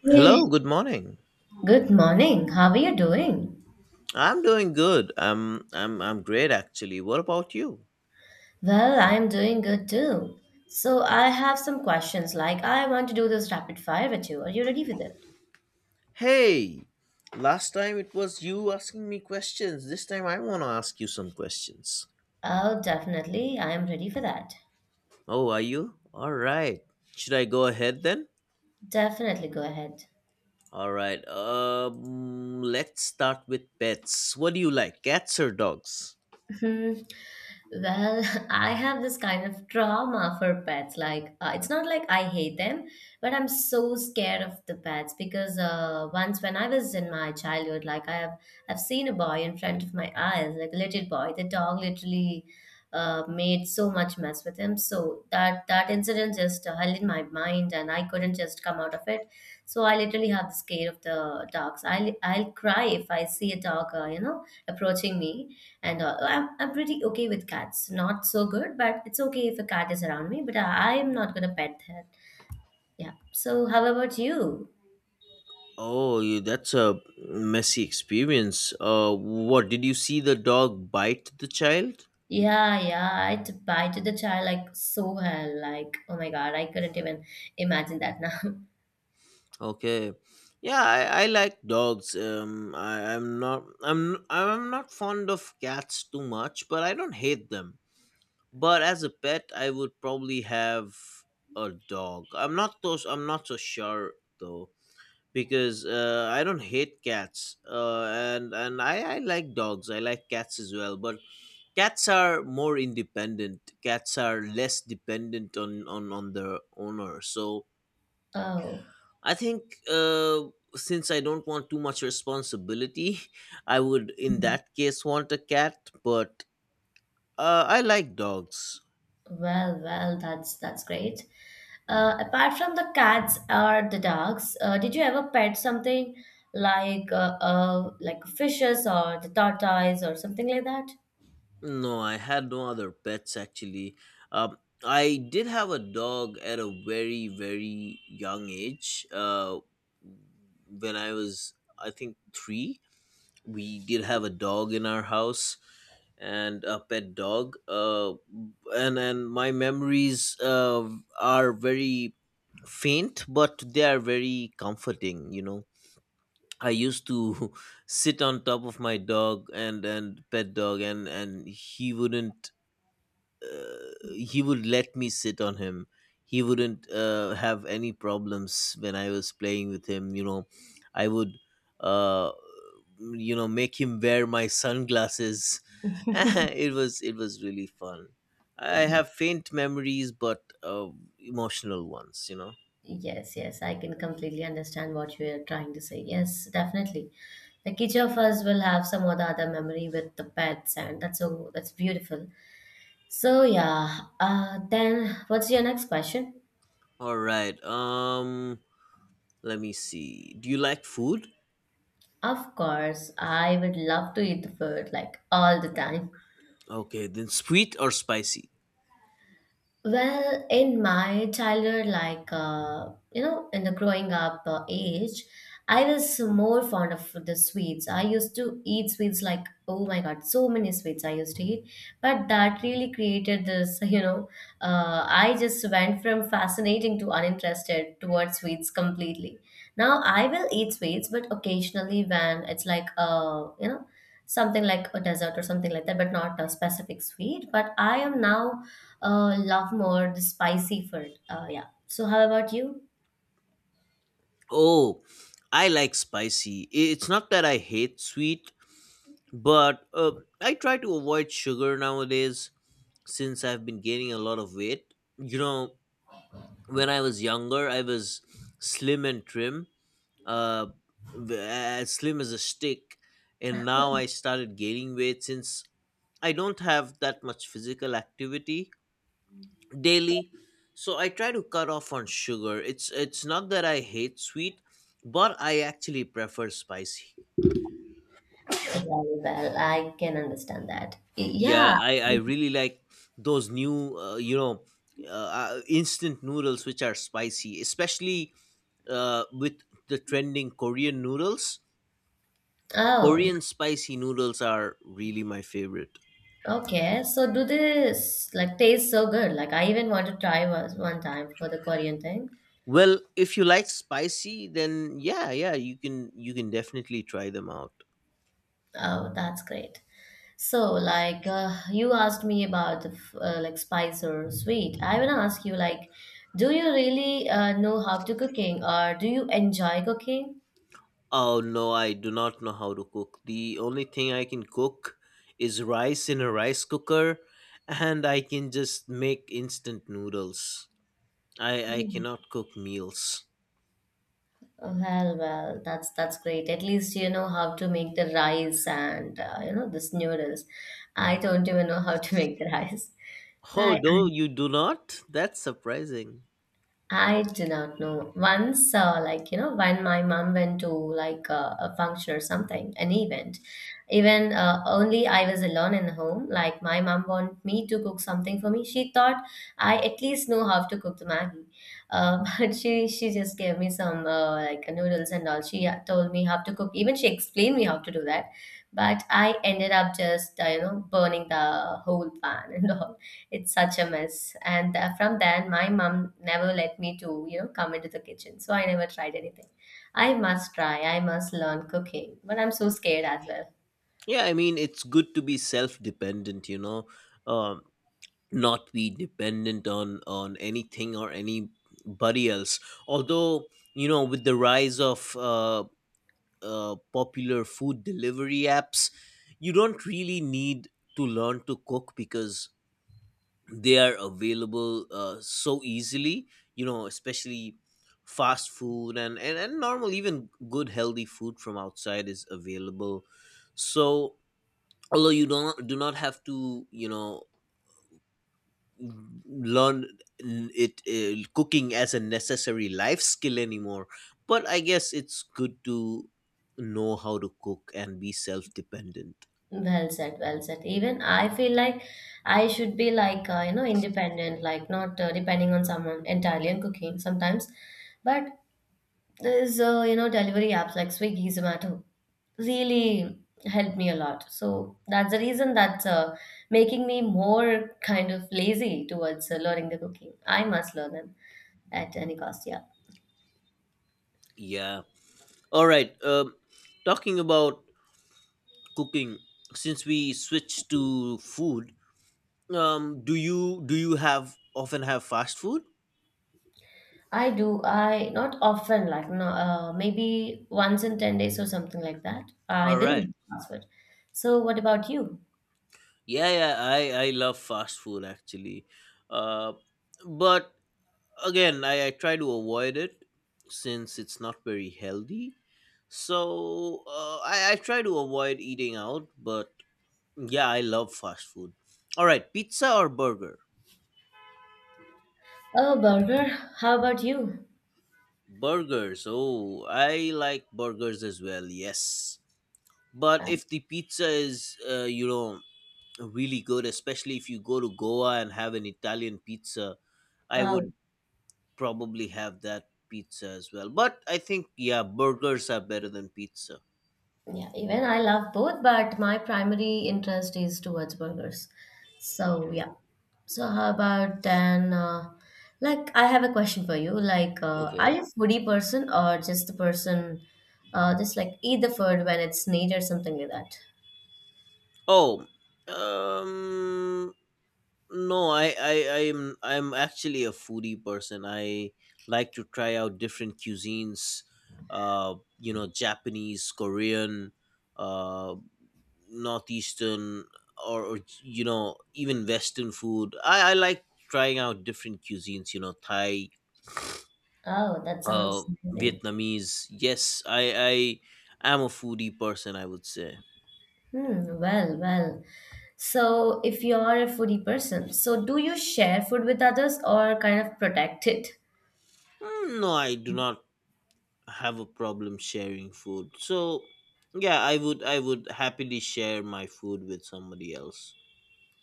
Hey, Hello, good morning. good morning. How are you doing? I'm doing good. I'm great actually. What about you? Well, I'm doing good too. So, I have some questions. Like, I want to do this rapid fire with you. Are you ready for that? Hey, last time it was you asking me questions. This time I want to ask you some questions. Oh, definitely. I am ready for that. Oh, are you? All right. Should I go ahead then? Definitely go ahead. All right. Let's start with pets. What do you like? Cats or dogs? Hmm. Well, I have this kind of trauma for pets. Like, it's not like I hate them, but I'm so scared of the pets because once when I was in my childhood, I've seen a boy in front of my eyes, like a little boy. The dog literally made so much mess with him. So that incident just held in my mind, and I couldn't just come out of it. So I literally have the scare of the dogs. I'll cry if I see a dog, approaching me and all. I'm pretty okay with cats. Not so good, but it's okay if a cat is around me, but I'm not gonna pet that. Yeah. So how about you? Oh, you, that's a messy experience. What did you see, the dog bite the child? Yeah, yeah, bited the child like so hell. Like, oh my God, I couldn't even imagine that now. Okay. Yeah, I like dogs. I, I'm not fond of cats too much, but I don't hate them. But as a pet, I would probably have a dog. I'm not so sure though because I don't hate cats. And I like dogs. I like cats as well, but cats are more independent. Cats are less dependent on on their owner. So Oh, I think since I don't want too much responsibility, I would in that case want a cat, but I like dogs. well, well, that's great. Apart from the cats or the dogs, did you ever pet something like fishes or the tortoise or something like that? No, I had no other pets actually. Um, I did have a dog at a very, very young age. When I was, I think, three. We did have a dog in our house and a pet dog and my memories are very faint, but they are very comforting, you know. I used to sit on top of my dog and pet dog, and he wouldn't he would let me sit on him. He wouldn't have any problems when I was playing with him, you know. I would uh you know, make him wear my sunglasses. It was really fun. I have faint memories, but emotional ones, you know. Yes, yes, I can completely understand what you are trying to say. Yes, definitely. Like each of us will have some or the other memory with the pets, and that's beautiful. So yeah, then what's your next question? All right. Let me see. Do you like food? Of course, I would love to eat the food like all the time. Okay, then sweet or spicy? Well, in my childhood, in the growing up age, I was more fond of the sweets. I used to eat sweets like, oh my God, so many sweets I used to eat. But that really created this, I just went from fascinating to uninterested towards sweets completely. Now I will eat sweets, but occasionally when it's like, something like a dessert or something like that, but not a specific sweet. But I am now love more the spicy food. Yeah. So how about you? Oh, I like spicy. It's not that I hate sweet, but I try to avoid sugar nowadays since I've been gaining a lot of weight, you know. When I was younger, I was slim and trim, uh, as slim as a stick. And now I started gaining weight since I don't have that much physical activity daily. So I try to cut off on sugar. It's not that I hate sweet, but I actually prefer spicy. Very well, I can understand that. Yeah. Yeah, I really like those new instant noodles which are spicy, especially with the trending Korean noodles. Oh, Korean spicy noodles are really my favorite. okay. So do this like taste so good? Like I even want to try was one time for the Korean thing. Well, if you like spicy, then yeah, yeah, you can definitely try them out. Oh, that's great. So like you asked me about the like spice or sweet. I want to ask you like, do you really know how to cooking or do you enjoy cooking? Oh no, I do not know how to cook. The only thing I can cook is rice in a rice cooker, and I can just make instant noodles. I cannot cook meals. Well, well, that's great. At least you know how to make the rice and you know this noodles. I don't even know how to make the rice. Oh I no, I you do not? That's surprising. I do not know. Once, when my mom went to like a function or something, an event, even only I was alone in the home, like my mom want me to cook something for me. She thought I at least know how to cook the Maggie. But she just gave me some like noodles and all. She told me how to cook. Even she explained me how to do that. But I ended up just, burning the whole pan and all. It's such a mess. And from then, my mom never let me to, you know, come into the kitchen. So I never tried anything. I must try. I must learn cooking. But I'm so scared as well. Yeah, I mean it's good to be self-dependent, you know. Um Not be dependent on anything or anybody else, although you know, with the rise of popular food delivery apps, you don't really need to learn to cook because they are available so easily, you know, especially fast food, and normal, even good healthy food from outside is available. So although you don't do not have to, you know, learn it cooking as a necessary life skill anymore, but I guess it's good to know how to cook and be self-dependent. Well said, well said. Even I feel like I should be like, independent, like not depending on someone entirely on cooking sometimes. But there's you know delivery apps like Swiggy, Zomato really helped me a lot. So that's the reason that's making me more kind of lazy towards learning the cooking. I must learn them at any cost. Yeah, Yeah, all right. Talking about cooking, since we switched to food, do you have often, have fast food? I do. I not often like no, maybe once in 10 days or something like that. I All will right. eat fast food. So what about you? Yeah, yeah, I love fast food actually. Uh but again, I try to avoid it since it's not very healthy. So I try to avoid eating out, but yeah, I love fast food. All right, pizza or burger? Oh, burger. How about you? Burgers. Oh, I like burgers as well, yes. But Uh, if the pizza is, really good, especially if you go to Goa and have an Italian pizza, I oh, would probably have that pizza as well. But I think yeah, burgers are better than pizza. Yeah, even I love both, but my primary interest is towards burgers. So yeah. So how about then? Like, I have a question for you. Like, Okay. are you a foodie person or just the person, just like eat the food when it's needed or something like that? Oh, um, no, I'm actually a foodie person. I like to try out different cuisines. You know, Japanese, Korean, uh, northeastern, or you know, even Western food. I like trying out different cuisines. You know, Thai, Oh, that uh, sounds amazing. Vietnamese. Yes, I am a foodie person, I would say. Hmm. Well, well. So if you are a foodie person, so do you share food with others or kind of protect it? Mm, no, I do not have a problem sharing food. So yeah, I would happily share my food with somebody else.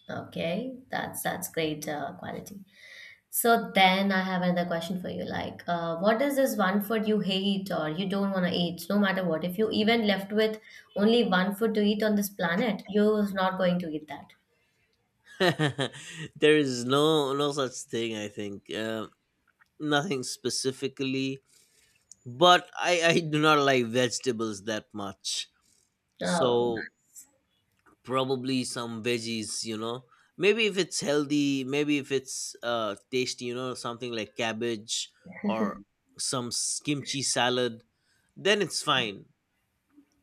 Okay, that's great quality. So then I have another question for you. Like, what is this one food you hate or you don't want to eat, no matter what? If you even left with only one food to eat on this planet, you're not going to eat that. There is no such thing. I think nothing specifically, but I do not like vegetables that much. Oh, So probably some veggies. You know, maybe if it's healthy, maybe if it's uh, tasty. You know, something like cabbage or some kimchi salad, then it's fine.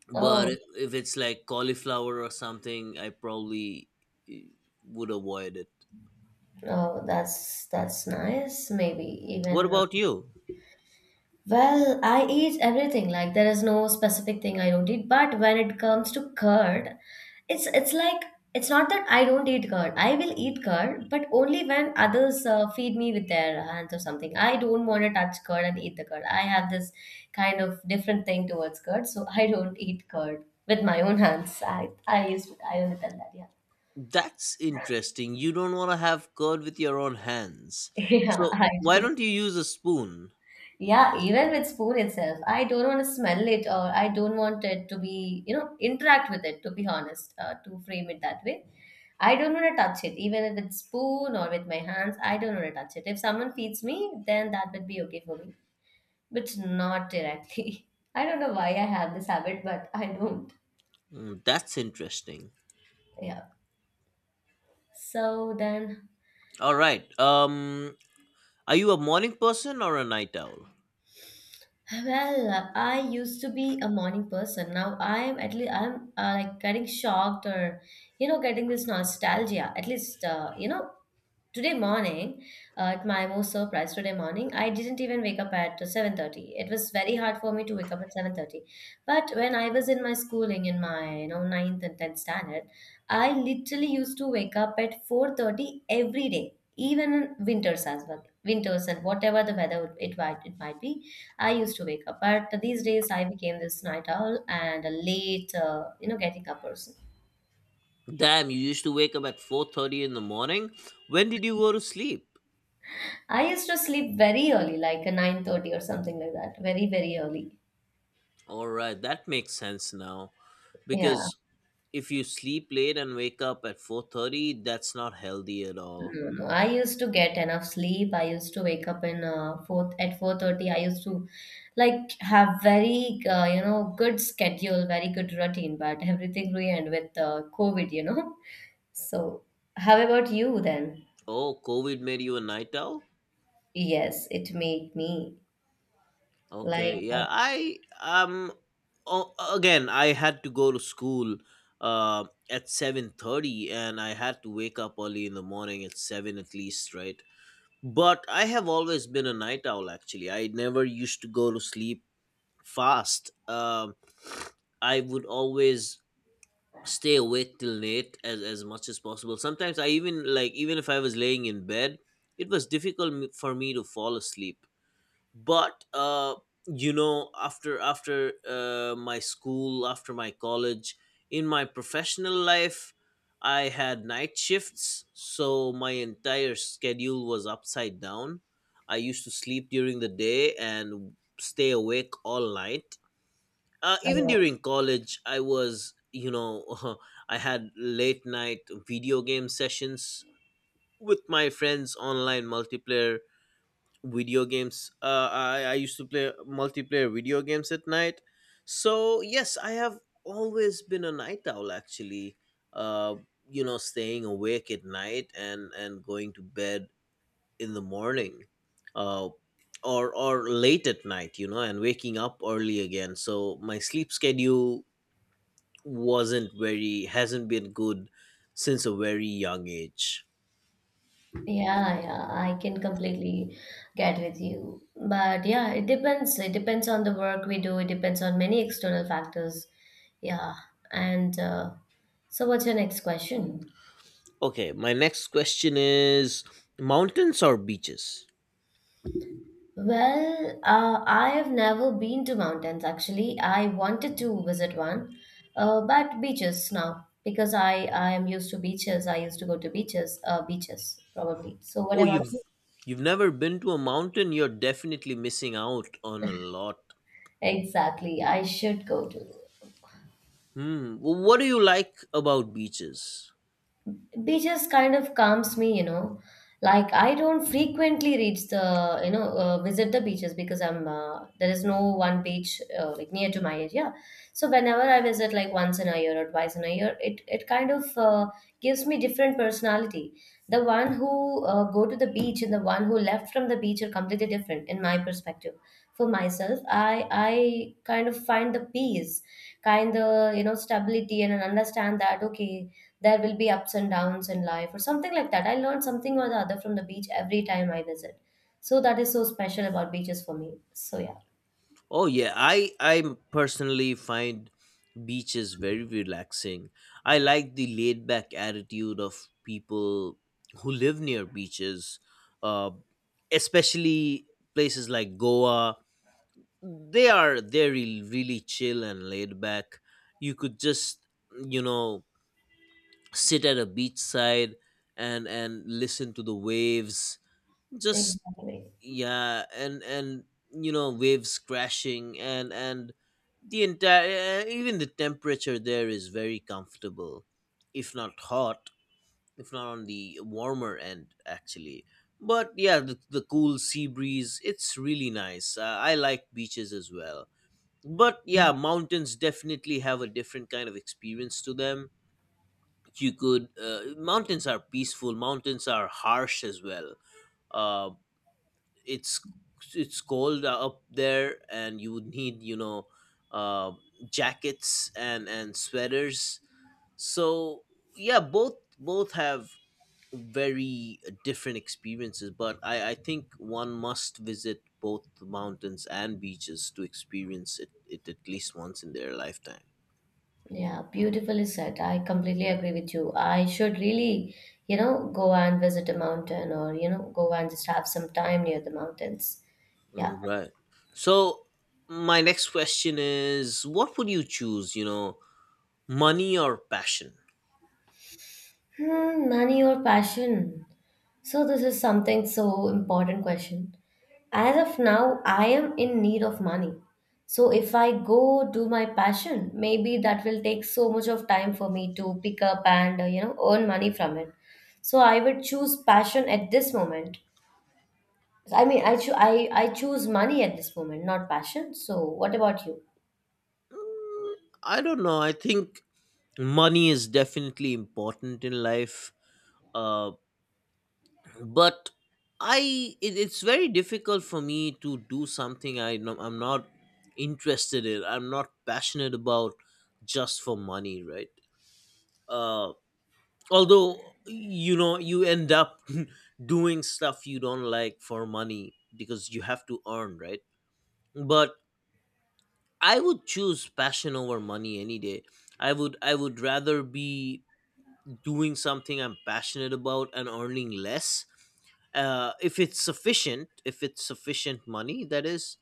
But oh, if it's like cauliflower or something, I probably eh, would avoid it. oh, that's nice. Maybe What even about you? Well, I eat everything. Like there is no specific thing I don't eat. But when it comes to curd, it's like it's not that I don't eat curd. I will eat curd, but only when others feed me with their hands or something. I don't want to touch curd and eat the curd. I have this kind of different thing towards curd, so I don't eat curd with my own hands. I only tell that. Yeah, That's interesting. You don't want to have curd with your own hands? yeah, So I why do. don't you use a spoon? Yeah, even with spoon itself, I don't want to smell it or I don't want it to be, you know, interact with it, to be honest, to frame it that way. I don't want to touch it, even if it's spoon or with my hands, I don't want to touch it. If someone feeds me, then that would be okay for me, but not directly. I don't know why I have this habit, but I don't. Mm, that's interesting. Yeah. So then All right, are you a morning person or a night owl? Well, I used to be a morning person. Now I'm at least I'm like getting shocked or you know getting this nostalgia. At least today morning at my most surprise today morning I didn't even wake up at 7:30. It was very hard for me to wake up at 7:30. But when I was in my schooling in my 9th and 10th standard, I literally used to wake up at 4:30 every day, even in winters as well. Winters and whatever the it might be, I used to wake up. But these days I became this night owl and a late, getting up person. Damn, you used to wake up at 4:30 in the morning? When did you go to sleep? I used to sleep very early, like a 9:30 or something like that. Very, very early. All right, that makes sense now. Yeah. Because if you sleep late and wake up at 4:30, that's not healthy at all. No, no. I used to get enough sleep. I used to wake up in four at 4:30. I used to like have very good schedule, very good routine, but everything ruined with COVID, you know. So, how about you then? Oh, COVID made you a night owl? Yes, it made me like Okay, yeah. I um Oh, again, I had to go to school uh, at 7:30, and I had to wake up early in the morning at 7 at least, right? But I have always been a night owl actually. I never used to go to sleep fast. I would always stay awake till late, as much as possible. Sometimes I even like, even if I was laying in bed, it was difficult for me to fall asleep. But you know, after my school, after my college, in my professional life, I had night shifts. So my entire schedule was upside down. I used to sleep during the day and stay awake all night. Uh, even uh, during college, I was, you know, I had late night video game sessions with my friends, online multiplayer video games. I used to play multiplayer video games at night. So yes, I have always been a night owl actually. Uh, you know, staying awake at night and going to bed in the morning. Uh, or or late at night, you know, and waking up early again. So my sleep schedule wasn't very hasn't been good since a very young age. Yeah, yeah, I can completely get with you. But yeah, it depends. It depends on the work we do. It depends on many external factors. Yeah. And so, what's your next question? Okay, my next question is mountains or beaches? Well, I have never been to mountains actually. I wanted to visit one, but beaches now because I am used to beaches. I used to go to beaches, beaches probably. So, what Oh, about you? you've never been to a mountain? You're definitely missing out on a lot. Exactly. I should go to. Hmm. What do you like about beaches? Beaches kind of calms me, you know. Like I don't frequently reach the visit the beaches because I'm there is no one beach like near to my area. So whenever I visit, like once in a year or twice in a year, it kind of gives me different personality. The one who go to the beach and the one who left from the beach are completely different in my perspective. For myself, I kind of find the peace, kind of, you know, stability, and understand that okay, there will be ups and downs in life or something like that. I learned something or the other from the beach every time I visit. So that is so special about beaches for me. So yeah, Oh yeah, I personally find beaches very relaxing. I like the laid back attitude of people who live near beaches, uh, especially places like Goa. They very really chill and laid back. You could just, you know, sit at a beachside and listen to the waves. Just exactly. yeah, and you know, waves crashing, and the entire even the temperature there is very comfortable, if not hot, if not on the warmer end actually. But yeah, the cool sea breeze, it's really nice. I like beaches as well, but yeah, mountains definitely have a different kind of experience to them. You could mountains are peaceful, mountains are harsh as well. uh, it's it's cold up there, and you would need, you know, uh, jackets and sweaters. So yeah, both have very different experiences. But I think one must visit both the mountains and beaches to experience it at least once in their lifetime. Yeah, beautifully said. I completely agree with you. I should really, you know, go and visit a mountain or, you know, go and just have some time near the mountains. Yeah. Mm, right. So my next question is, what would you choose, you know, money or passion? Hmm, money or passion? So this is something so important question. As of now, I am in need of money. So if I go do my passion, maybe that will take so much of time for me to pick up and you know earn money from it. So I would choose passion at this moment. I choose money at this moment, not passion. So what about you? I don't know. I think money is definitely important in life, uh, but I, it's very difficult for me to do something I know I'm not interested in, I'm not passionate about, just for money, right? Uh, although you know, you end up doing stuff you don't like for money because you have to earn, right? But I would choose passion over money any day. I would rather be doing something I'm passionate about and earning less. If it's sufficient money, that is.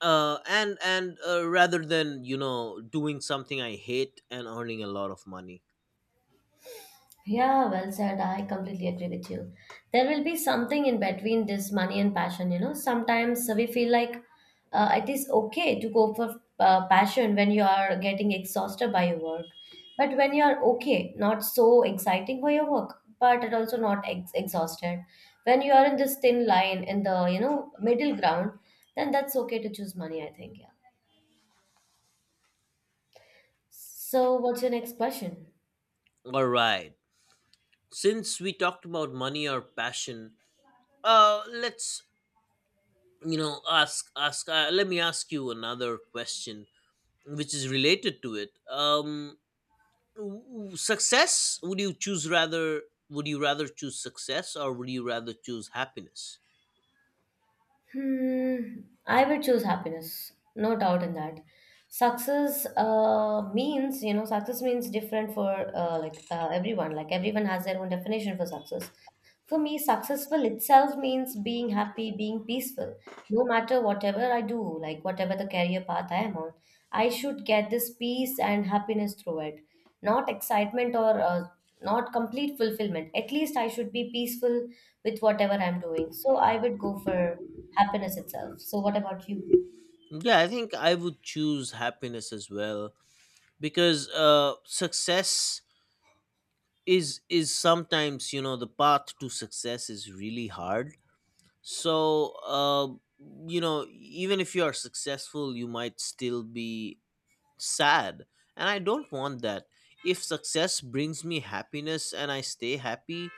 And Rather than, you know, doing something I hate and earning a lot of money. Yeah, well said. I completely agree with you. There will be something in between this money and passion, Sometimes we feel like it is okay to go for passion when you are getting exhausted by your work. But when you are okay, not so exciting for your work, but it also not ex exhausted. When you are in this thin line in the middle ground, then that's okay to choose money, I think. Yeah. So, what's your next question? All right. Since we talked about money or passion, let's, you know, ask ask. Let me ask you another question, which is related to it. Success would you choose rather would you rather choose success or would you rather choose happiness? Hmm, I would choose happiness, no doubt in that. Success means, success means different for everyone. Like everyone has their own definition for success. For me, successful itself means being happy, being peaceful. No matter whatever I do, like whatever the career path I am on, I should get this peace and happiness through it. Not excitement or not complete fulfillment. At least I should be peaceful with whatever I'm doing. So I would go for happiness itself. So, what about you? Yeah, I think I would choose happiness as well, because success is sometimes, you know, the path to success is really hard. So you know, even if you are successful, you might still be sad, and I don't want that. If success brings me happiness and I stay happy,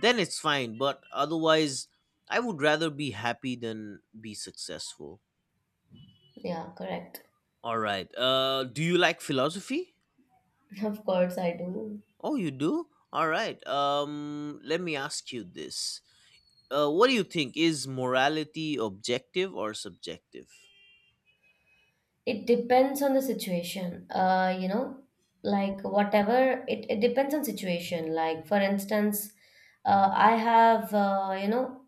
then it's fine, but otherwise I would rather be happy than be successful. Yeah, correct. All right. Do you like philosophy? Of course, I do. Oh, you do. All right. Let me ask you this. What do you think, is morality objective or subjective? It depends on the situation, like whatever it depends on situation, like for instance, I have,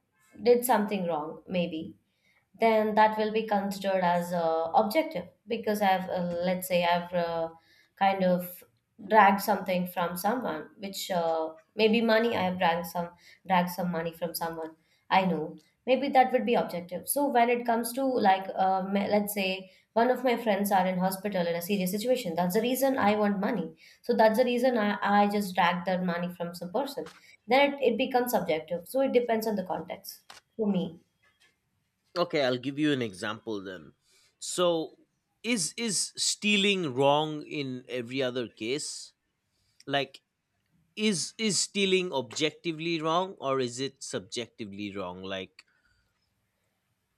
did something wrong maybe. Then that will be considered as objective because I've, let's say, I've, kind of dragged something from someone, which, maybe money. I have dragged some money from someone I know. Maybe that would be objective. So when it comes to like, let's say one of my friends are in hospital in a serious situation, that's the reason I want money. So that's the reason I just dragged that money from some person. Then it becomes subjective. So it depends on the context for me. Okay, I'll give you an example then. So, is stealing wrong in every other case? Like, is stealing objectively wrong, or is it subjectively wrong? Like,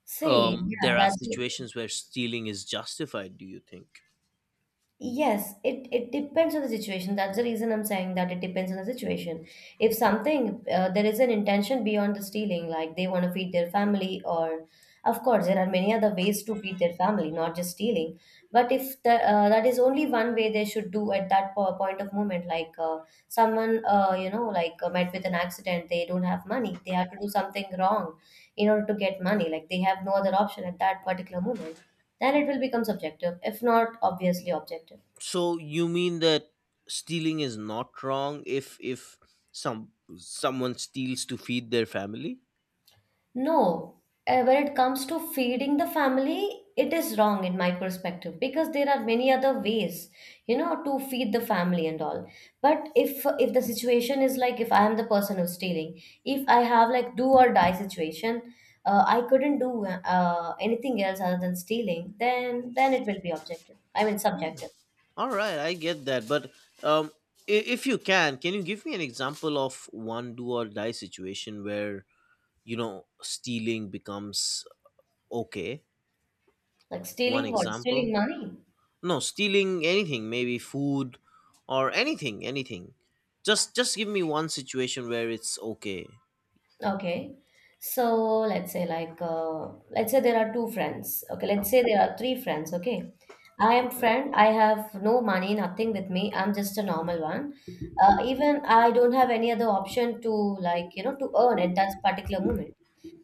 See, yeah, there are that's situations where stealing is justified, do you think? yes, it depends on the situation. That's the reason I'm saying that it depends on the situation. If something, there is an intention beyond the stealing, like they want to feed their family, or of course there are many other ways to feed their family, not just stealing. But if the, that is only one way they should do at that po point of moment, like someone, met with an accident, they don't have money, they have to do something wrong in order to get money, like they have no other option at that particular moment, then it will become subjective, if not obviously objective. So you mean that stealing is not wrong if some someone steals to feed their family? No. When it comes to feeding the family, it is wrong in my perspective because there are many other ways, to feed the family and all. But if the situation is like, if I am the person who's stealing, if I have like do or die situation, I couldn't do anything else other than stealing, then it will be objective, I mean subjective. All right, I get that, but um, if you can you give me an example of one do or die situation where, you know, stealing becomes okay? Like One stealing what? Stealing example? money. No, stealing anything, maybe food or anything, anything. Just give me one situation where it's okay. Okay. So let's say like, let's say there are two friends. Okay, let's say there are three friends. Okay, I am Okay. friend. I have no money, nothing with me. I'm just a normal one. Even I don't have any other option to, to earn at that particular moment.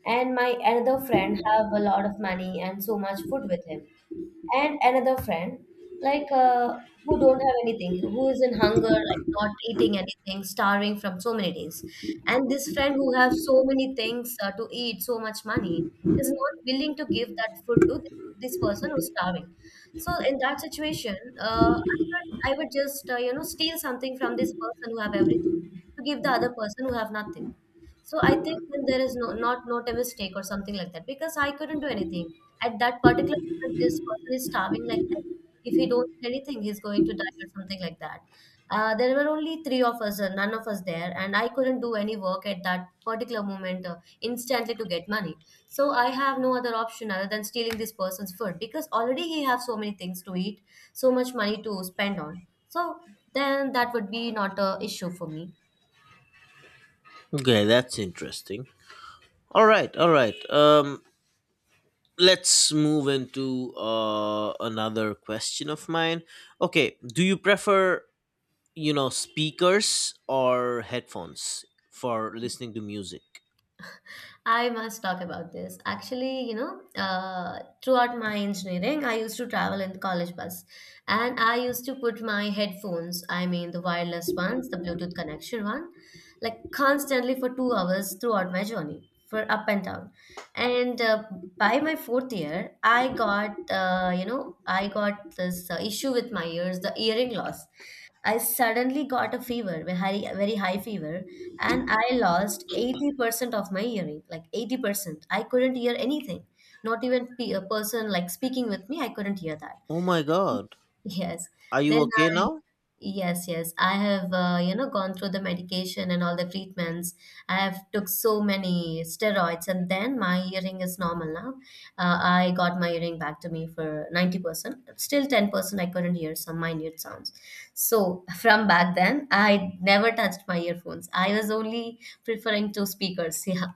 And my another friend have a lot of money and so much food with him. And another friend, like who don't have anything, who is in hunger, like not eating anything, starving from so many days. And this friend who have so many things, to eat, so much money, is not willing to give that food to this person who's starving. So in that situation, I would just, steal something from this person who have everything, to give the other person who have nothing. So I think then there is no, not a mistake or something like that, because I couldn't do anything at that particular. But this person is starving like hell. If he don't eat anything, he's going to die or something like that. There were only three of us, none of us there, and I couldn't do any work at that particular moment, instantly, to get money. So I have no other option other than stealing this person's food, because already he have so many things to eat, so much money to spend on. So then that would be not a issue for me. Okay, that's interesting. All right, all right. Let's move into another question of mine. Okay, do you prefer, you know, speakers or headphones for listening to music? I must talk about this. Actually, throughout my engineering, I used to travel in the college bus and I used to put my headphones, I mean the wireless ones, the Bluetooth connection one, like constantly for 2 hours throughout my journey for up and down. And by my fourth year, I got, I got this issue with my ears, the earring loss. I suddenly got a fever, a very, very high fever, and I lost 80% of my hearing, like 80%. I couldn't hear anything, not even a person like speaking with me, I couldn't hear that. Oh my god. Yes. Are Then you okay I, now? yes, yes. I have, gone through the medication and all the treatments. I have took so many steroids, and then my hearing is normal now. I got my hearing back to me for 90%. Still 10% I couldn't hear some minute sounds. So from back then, I never touched my earphones. I was only preferring two speakers. Yeah.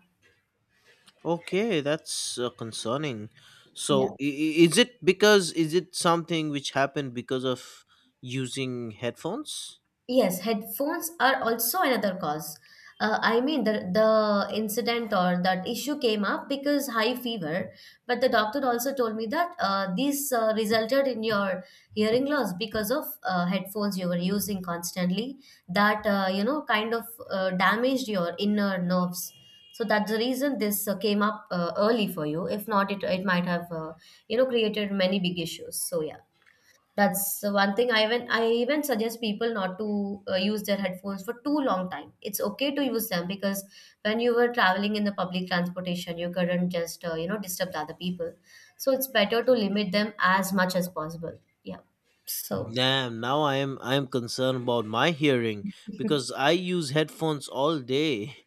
Okay, that's concerning. So Yeah. Is it because, is it something which happened because of using headphones? Yes, headphones are also another cause. I mean, the incident or that issue came up because high fever, but the doctor also told me that this resulted in your hearing loss because of headphones you were using constantly. That, kind of damaged your inner nerves. So that's the reason this, came up early for you. If not, it might have, created many big issues. So yeah. That's the one thing I even suggest people not to use their headphones for too long time. It's okay to use them because when you were traveling in the public transportation, you couldn't just, disturb the other people. So it's better to limit them as much as possible. Yeah. So Damn, now I am concerned about my hearing because I use headphones all day.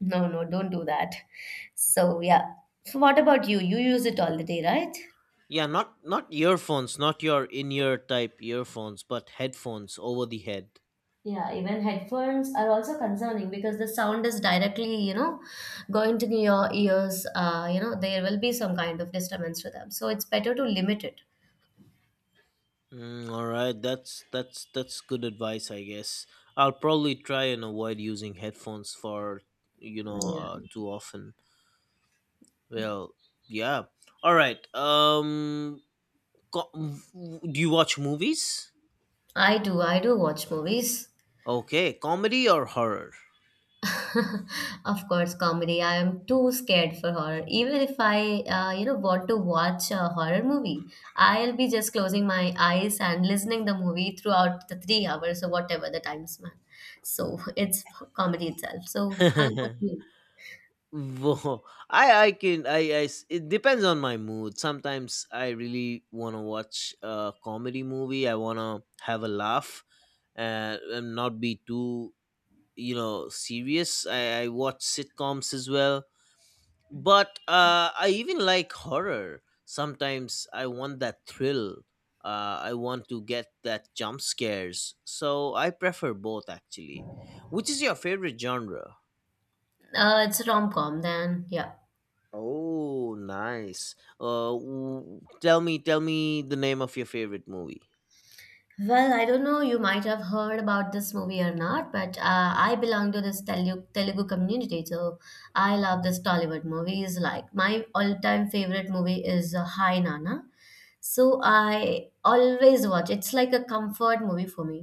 no, no, don't do that. So yeah. So what about you? You use it all the day, right? Yeah, not earphones, not your in-ear type earphones, but headphones over the head. Yeah, even headphones are also concerning because the sound is directly, going to your ears. You know, there will be some kind of disturbance to them. So it's better to limit it. Mm, all right, that's that's good advice, I guess. I'll probably try and avoid using headphones for, you know, Yeah. too often. Well, yeah. All right. Co- do you watch movies? I do. I do watch movies. Okay, comedy or horror? Of course, comedy. I am too scared for horror. Even if I, want to watch a horror movie, I'll be just closing my eyes and listening the movie throughout the 3 hours or whatever the time span. So it's comedy itself. So how about you? Whoa. I can I s- it depends on my mood. Sometimes I really want to watch a comedy movie. I want to have a laugh and, not be too, you know, serious. I watch sitcoms as well, but I even like horror. Sometimes I want that thrill. I want to get that jump scares, so I prefer both actually. Which is your favorite genre? It's a rom-com then. Yeah. Oh, nice. Tell me the name of your favorite movie. Well, I don't know, you might have heard about this movie or not, but I belong to this Telugu community, so I love this Tollywood movies. Like my all-time favorite movie is Hi Nana. So I always watch. It's like a comfort movie for me.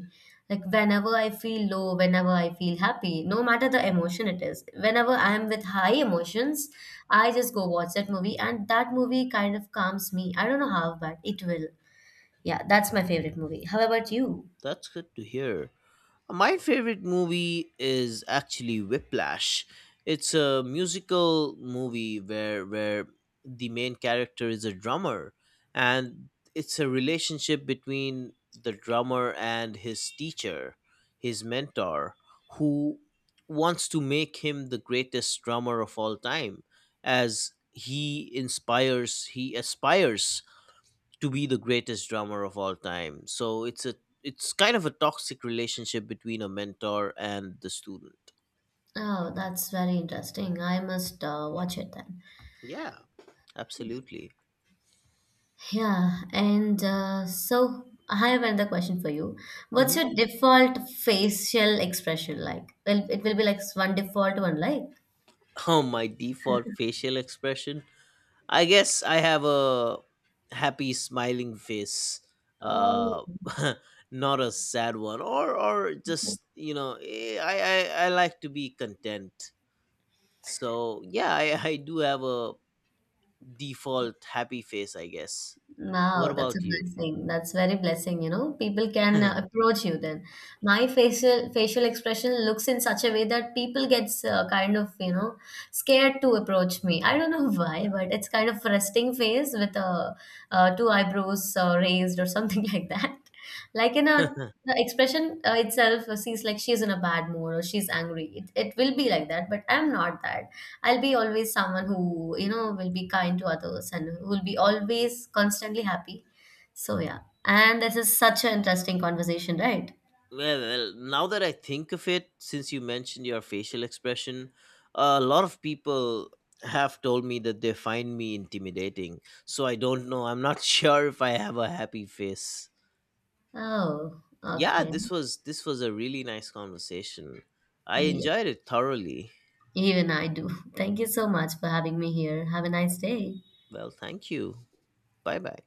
Like whenever I feel low, whenever I feel happy, no matter the emotion it is, whenever I am with high emotions, I just go watch that movie, and that movie kind of calms me. I don't know how, but it will. Yeah, that's my favorite movie. How about Oh, you? that's good to hear. My favorite movie is actually Whiplash. It's a musical movie where the main character is a drummer, and it's a relationship between the drummer and his teacher, his mentor, who wants to make him the greatest drummer of all time, as he aspires to be the greatest drummer of all time. So it's a, it's kind of a toxic relationship between a mentor and the student. Oh, that's very interesting. I must, watch it then. Yeah, absolutely. Yeah, and so I have another question for you. What's Hmm. your default facial expression like? Well, it will be like one default one, like. Oh, my default facial expression. I guess I have a happy smiling face. Um, Uh not a sad one, or just, you know, I like to be content. So yeah, I do have a default happy face, I guess. Wow, What that's a about you? blessing. That's very blessing, you know. People can, approach you then. My facial expression looks in such a way that people gets, kind of, you know, scared to approach me. I don't know why, but it's kind of resting face with two eyebrows raised or something like that. Like in a the expression, itself sees like she's in a bad mood or she's angry. It will be like that, but I'm not that. I'll be always someone who, you know, will be kind to others and will be always constantly happy. So, yeah. And this is such an interesting conversation, right? Well, well, now that I think of it, since you mentioned your facial expression, a lot of people have told me that they find me intimidating. So I don't know. I'm not sure if I have a happy face. Oh, Yeah, okay. this was, a really nice conversation. I Yeah, enjoyed it thoroughly. even I do. Thank you so much for having me here. Have a nice day. Well, thank you. Bye-bye.